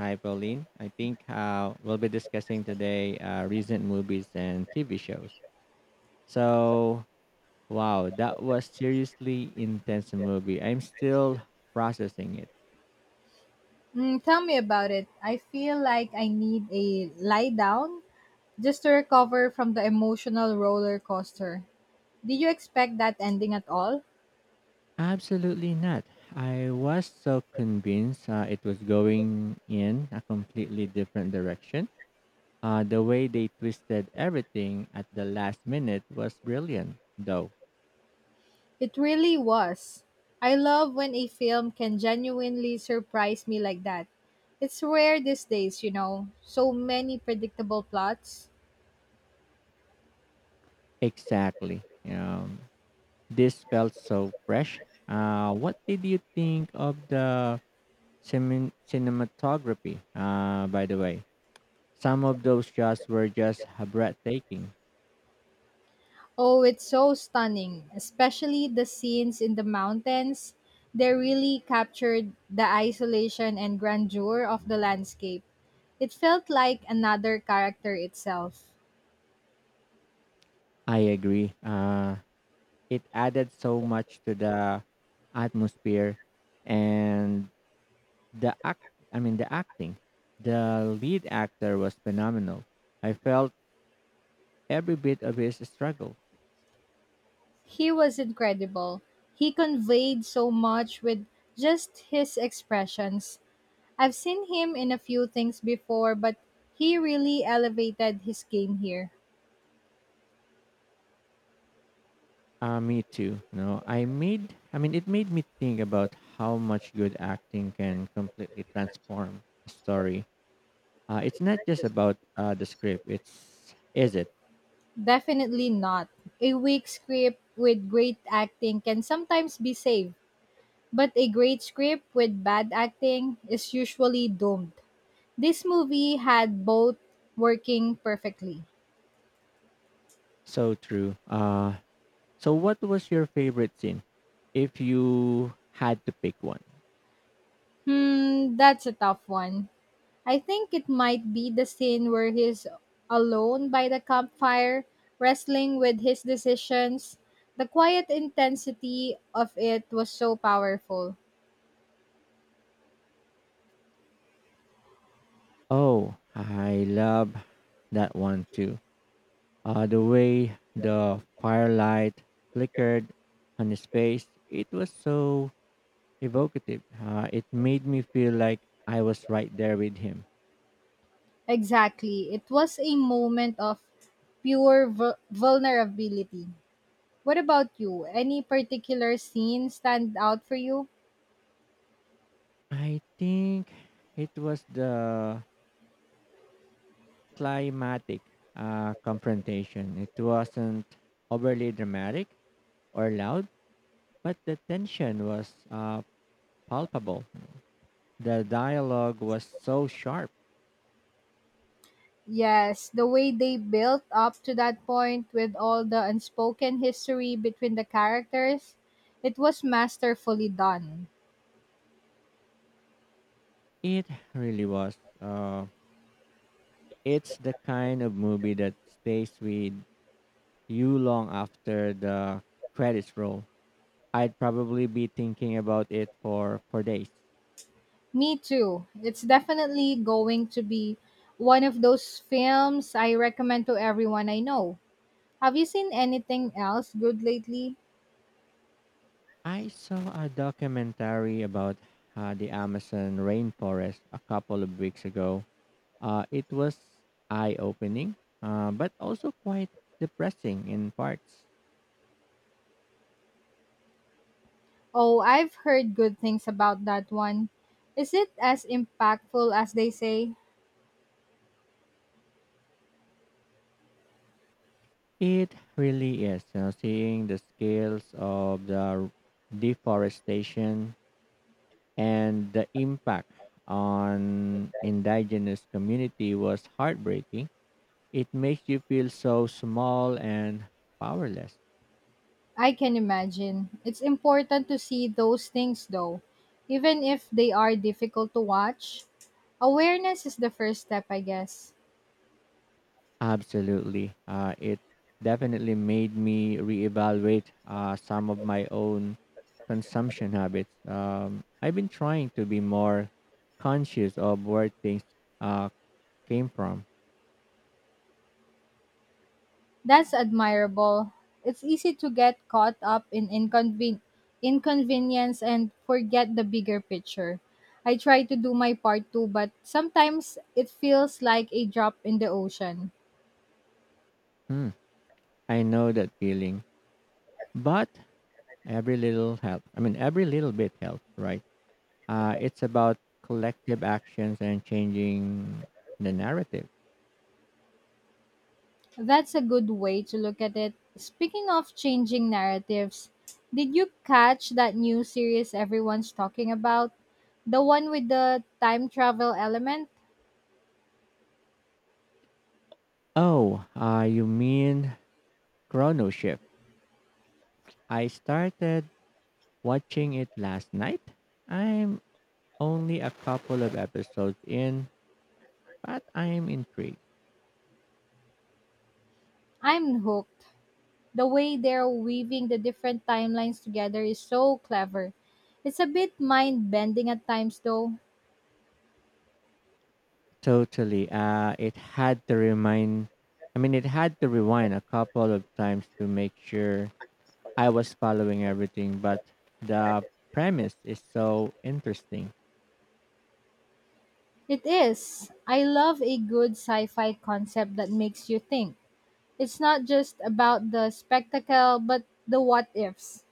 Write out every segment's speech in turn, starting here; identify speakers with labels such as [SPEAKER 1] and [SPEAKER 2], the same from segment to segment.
[SPEAKER 1] Hi, Pauline. I think we'll be discussing today recent movies and TV shows. So, wow, that was seriously intense movie. I'm still processing it.
[SPEAKER 2] Mm, tell me about it. I feel like I need a lie down just to recover from the emotional roller coaster. Did you expect that ending at all?
[SPEAKER 1] Absolutely not. I was so convinced it was going in a completely different direction. The way they twisted everything at the last minute was brilliant, though.
[SPEAKER 2] It really was. I love when a film can genuinely surprise me like that. It's rare these days, you know. So many predictable plots.
[SPEAKER 1] Exactly. Um, This felt so fresh. What did you think of the cinematography, by the way? Some of those shots were just breathtaking.
[SPEAKER 2] Oh, it's so stunning, especially the scenes in the mountains. They really captured the isolation and grandeur of the landscape. It felt like another character itself.
[SPEAKER 1] I agree. It added so much to the atmosphere and the act, the acting. The lead actor was phenomenal. I felt every bit of his struggle.
[SPEAKER 2] He was incredible. He conveyed so much with just his expressions. I've seen him in a few things before, but he really elevated his game here.
[SPEAKER 1] Me too. No, I made. I mean, it made me think about how much good acting can completely transform a story. It's not just about the script. It's is it
[SPEAKER 2] Definitely not. A weak script with great acting can sometimes be saved. But a great script with bad acting is usually doomed. This movie had both working perfectly.
[SPEAKER 1] so true. So what was your favorite scene, if you had to pick one?
[SPEAKER 2] Hmm, that's a tough one. I think it might be the scene where he's alone by the campfire, wrestling with his decisions. The quiet intensity of it was so powerful.
[SPEAKER 1] Oh, I love that one too. The way the firelight flickered on his face, it was so evocative. It made me feel like I was right there with him.
[SPEAKER 2] Exactly. It was a moment of vulnerability. What about you? Any particular scene stand out for you?
[SPEAKER 1] I think it was the climatic confrontation. It wasn't overly dramatic or loud, but the tension was palpable. The dialogue was so sharp.
[SPEAKER 2] Yes, the way they built up to that point with all the unspoken history between the characters, it was masterfully done.
[SPEAKER 1] It really was. It's the kind of movie that stays with you long after the credits roll. I'd probably be thinking about it for days.
[SPEAKER 2] Me too. It's definitely going to be one of those films I recommend to everyone I know. Have you seen anything else good lately?
[SPEAKER 1] I saw a documentary about the Amazon rainforest a couple of weeks ago. It was eye-opening, but also quite depressing in parts.
[SPEAKER 2] Oh, I've heard good things about that one. Is it as impactful as they say?
[SPEAKER 1] It really is, you know, seeing the scales of the deforestation and the impact on indigenous community was heartbreaking. It makes you feel so small and powerless.
[SPEAKER 2] I can imagine. It's important to see those things though. Even if they are difficult to watch, awareness is the first step, I guess.
[SPEAKER 1] Absolutely. It definitely made me reevaluate some of my own consumption habits. I've been trying to be more conscious of where things uh, came from.
[SPEAKER 2] That's admirable. It's easy to get caught up in inconvenience and forget the bigger picture. I try to do my part too, but sometimes it feels like a drop in the ocean.
[SPEAKER 1] Hmm. I know that feeling, but every little bit helps, right? It's about collective actions and changing the narrative.
[SPEAKER 2] That's a good way to look at it. Speaking of changing narratives, did you catch that new series everyone's talking about? The one with the time travel element?
[SPEAKER 1] Oh, you mean Chrono Shift. I started watching it last night. I'm only a couple of episodes in, but I'm intrigued.
[SPEAKER 2] I'm hooked. The way they're weaving the different timelines together is so clever. It's a bit mind bending at times, though.
[SPEAKER 1] Totally. It had to rewind a couple of times to make sure I was following everything, but the premise is so interesting.
[SPEAKER 2] It is. I love a good sci fi concept that makes you think. It's not just about the spectacle, but the what ifs.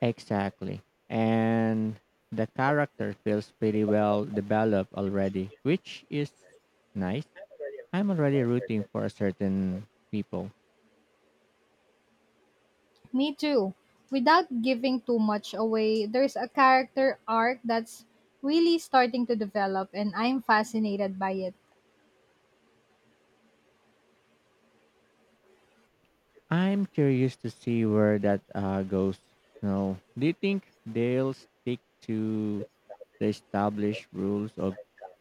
[SPEAKER 1] Exactly. And the character feels pretty well developed already, which is nice. I'm already rooting for a certain people.
[SPEAKER 2] Me too. Without giving too much away, there's a character arc that's really starting to develop, and I'm fascinated by it.
[SPEAKER 1] I'm curious to see where that goes. No, do you think they'll stick to the established rules of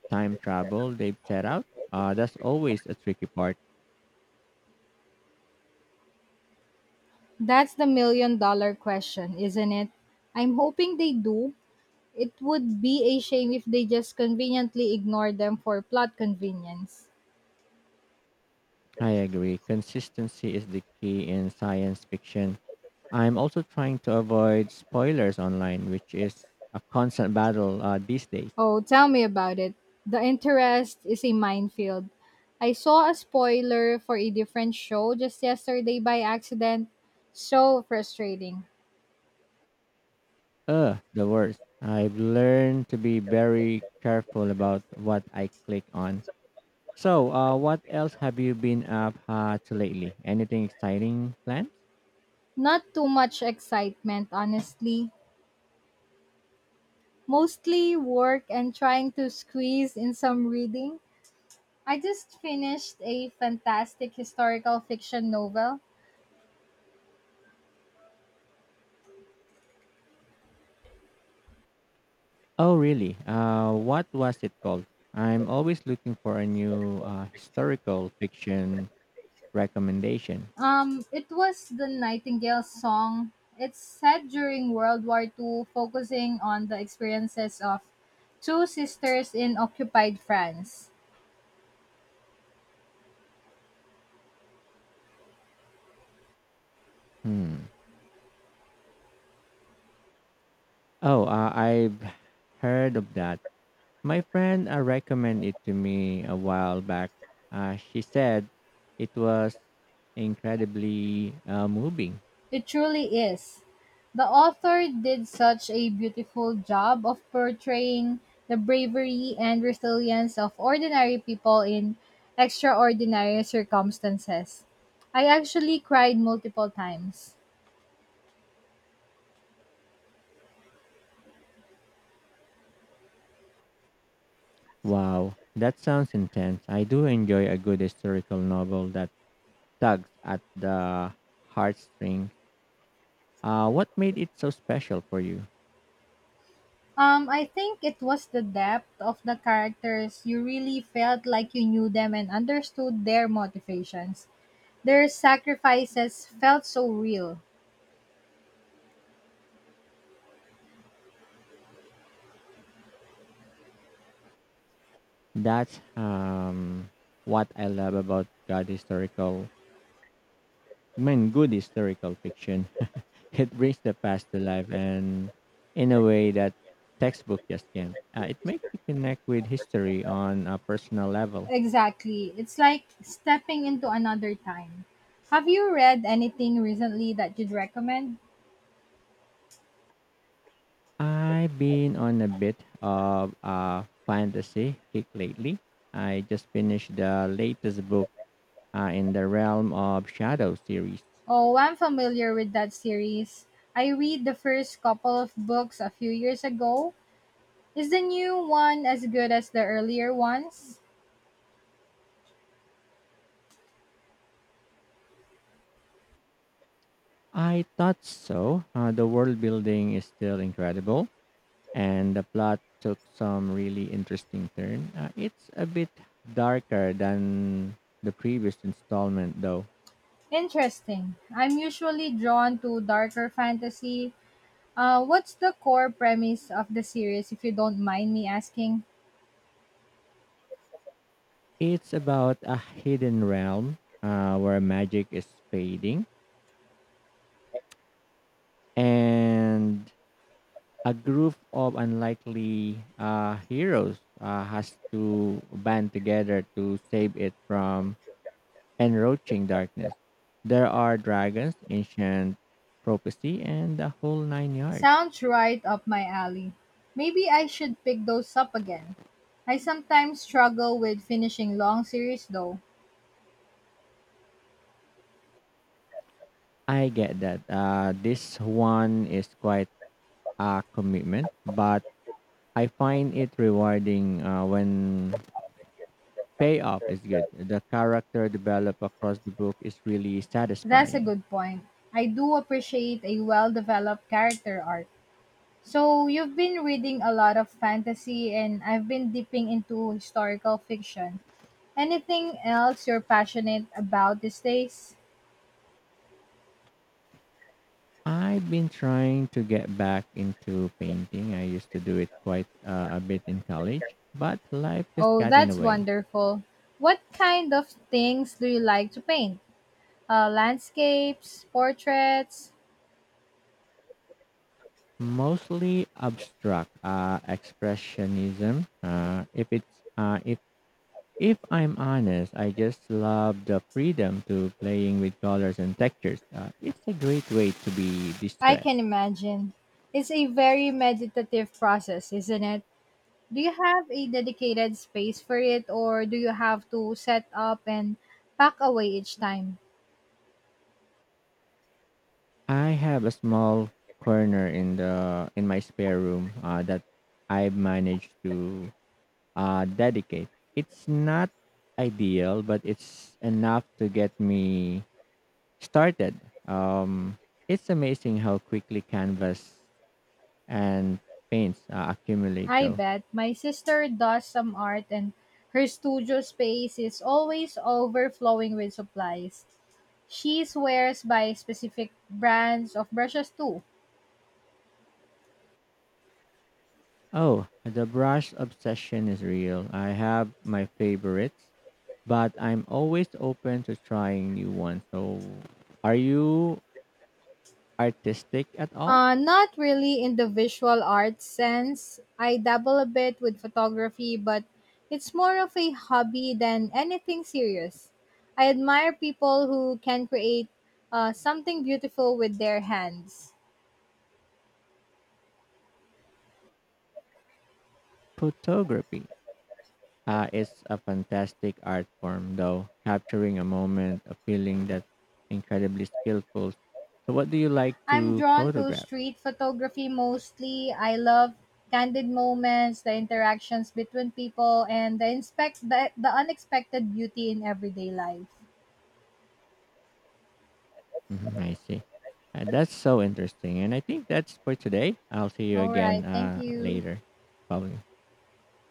[SPEAKER 1] time travel they've set out? That's always a tricky part.
[SPEAKER 2] That's the million-dollar question, isn't it? I'm hoping they do. It would be a shame if they just conveniently ignore them for plot convenience.
[SPEAKER 1] I agree. Consistency is the key in science fiction. I'm also trying to avoid spoilers online, which is a constant battle these days.
[SPEAKER 2] Oh, tell me about it. The interest is a minefield. I saw a spoiler for a different show just yesterday by accident. So frustrating.
[SPEAKER 1] Ugh, the worst. I've learned to be very careful about what I click on. So, what else have you been up to lately? Anything exciting planned?
[SPEAKER 2] Not too much excitement, honestly. Mostly work and trying to squeeze in some reading. I just finished a fantastic historical fiction novel.
[SPEAKER 1] Oh, really? What was it called? I'm always looking for a new historical fiction recommendation.
[SPEAKER 2] It was The Nightingale Song. It's set during World War II, focusing on the experiences of two sisters in occupied France.
[SPEAKER 1] Hmm. Oh, I've heard of that. My friend recommended it to me a while back. She said it was incredibly moving.
[SPEAKER 2] It truly is. The author did such a beautiful job of portraying the bravery and resilience of ordinary people in extraordinary circumstances. I actually cried multiple times.
[SPEAKER 1] Wow, that sounds intense. I do enjoy a good historical novel that tugs at the heartstrings. What made it so special for you?
[SPEAKER 2] I think it was the depth of the characters. You really felt like you knew them and understood their motivations. Their sacrifices felt so real.
[SPEAKER 1] That's what I love about God historical mean, good historical fiction. It brings the past to life and in a way that textbook just can't. It makes you connect with history on a personal level.
[SPEAKER 2] Exactly. It's like stepping into another time. Have you read anything recently that you'd recommend?
[SPEAKER 1] I've been on a bit of a fantasy kick lately. I just finished the latest book in the Realm of Shadow series.
[SPEAKER 2] Oh, I'm familiar with that series. I read the first couple of books a few years ago. Is the new one as good as the earlier ones?
[SPEAKER 1] I thought so. The world building is still incredible, and the plot took some really interesting turn. It's a bit darker than the previous installment, though.
[SPEAKER 2] Interesting. I'm usually drawn to darker fantasy. What's the core premise of the series, if you don't mind me asking?
[SPEAKER 1] It's about a hidden realm where magic is fading and a group of unlikely heroes has to band together to save it from encroaching darkness. There are dragons, ancient prophecy, and the whole nine yards.
[SPEAKER 2] Sounds right up my alley. Maybe I should pick those up again. I sometimes struggle with finishing long series though.
[SPEAKER 1] I get that. This one is quite a commitment, but I find it rewarding when payoff is good. The character developed across the book is really
[SPEAKER 2] That's a
[SPEAKER 1] satisfying.
[SPEAKER 2] good point. I do appreciate a well developed character arc. So, you've been reading a lot of fantasy, and I've been dipping into historical fiction. Anything else you're passionate about these days?
[SPEAKER 1] I've been trying to get back into painting. I used to do it quite a bit in college, but life just
[SPEAKER 2] Oh,
[SPEAKER 1] got in the
[SPEAKER 2] that's
[SPEAKER 1] way.
[SPEAKER 2] wonderful. What kind of things do you like to paint? Landscapes, portraits,
[SPEAKER 1] Mostly abstract expressionism. If If I'm honest, I just love the freedom to playing with colors and textures. It's a great way to be
[SPEAKER 2] I
[SPEAKER 1] distressed.
[SPEAKER 2] can imagine. It's a very meditative process, isn't it? Do you have a dedicated space for it or do you have to set up and pack away each time?
[SPEAKER 1] I have a small corner in the in my spare room that I've managed to dedicate. It's not ideal, but it's enough to get me started. Um, it's amazing how quickly canvas and paints accumulate,
[SPEAKER 2] I
[SPEAKER 1] though.
[SPEAKER 2] bet my sister does some art and her studio space is always overflowing with supplies. She swears by specific brands of brushes too.
[SPEAKER 1] Oh, the brush obsession is real. I have my favorites, but I'm always open to trying new ones. So, are you artistic at all?
[SPEAKER 2] Not really in the visual arts sense. I dabble a bit with photography, but it's more of a hobby than anything serious. I admire people who can create something beautiful with their hands.
[SPEAKER 1] Photography is a fantastic art form, though, capturing a moment, a feeling that's incredibly skillful. So, what do you like
[SPEAKER 2] I'm
[SPEAKER 1] to
[SPEAKER 2] drawn to
[SPEAKER 1] photograph?
[SPEAKER 2] street photography mostly. I love candid moments, the interactions between people, and the unexpected beauty in everyday life.
[SPEAKER 1] Mhm, I see. That's so interesting. And I think that's for today. I'll see you
[SPEAKER 2] All
[SPEAKER 1] again
[SPEAKER 2] right, thank you.
[SPEAKER 1] later, probably.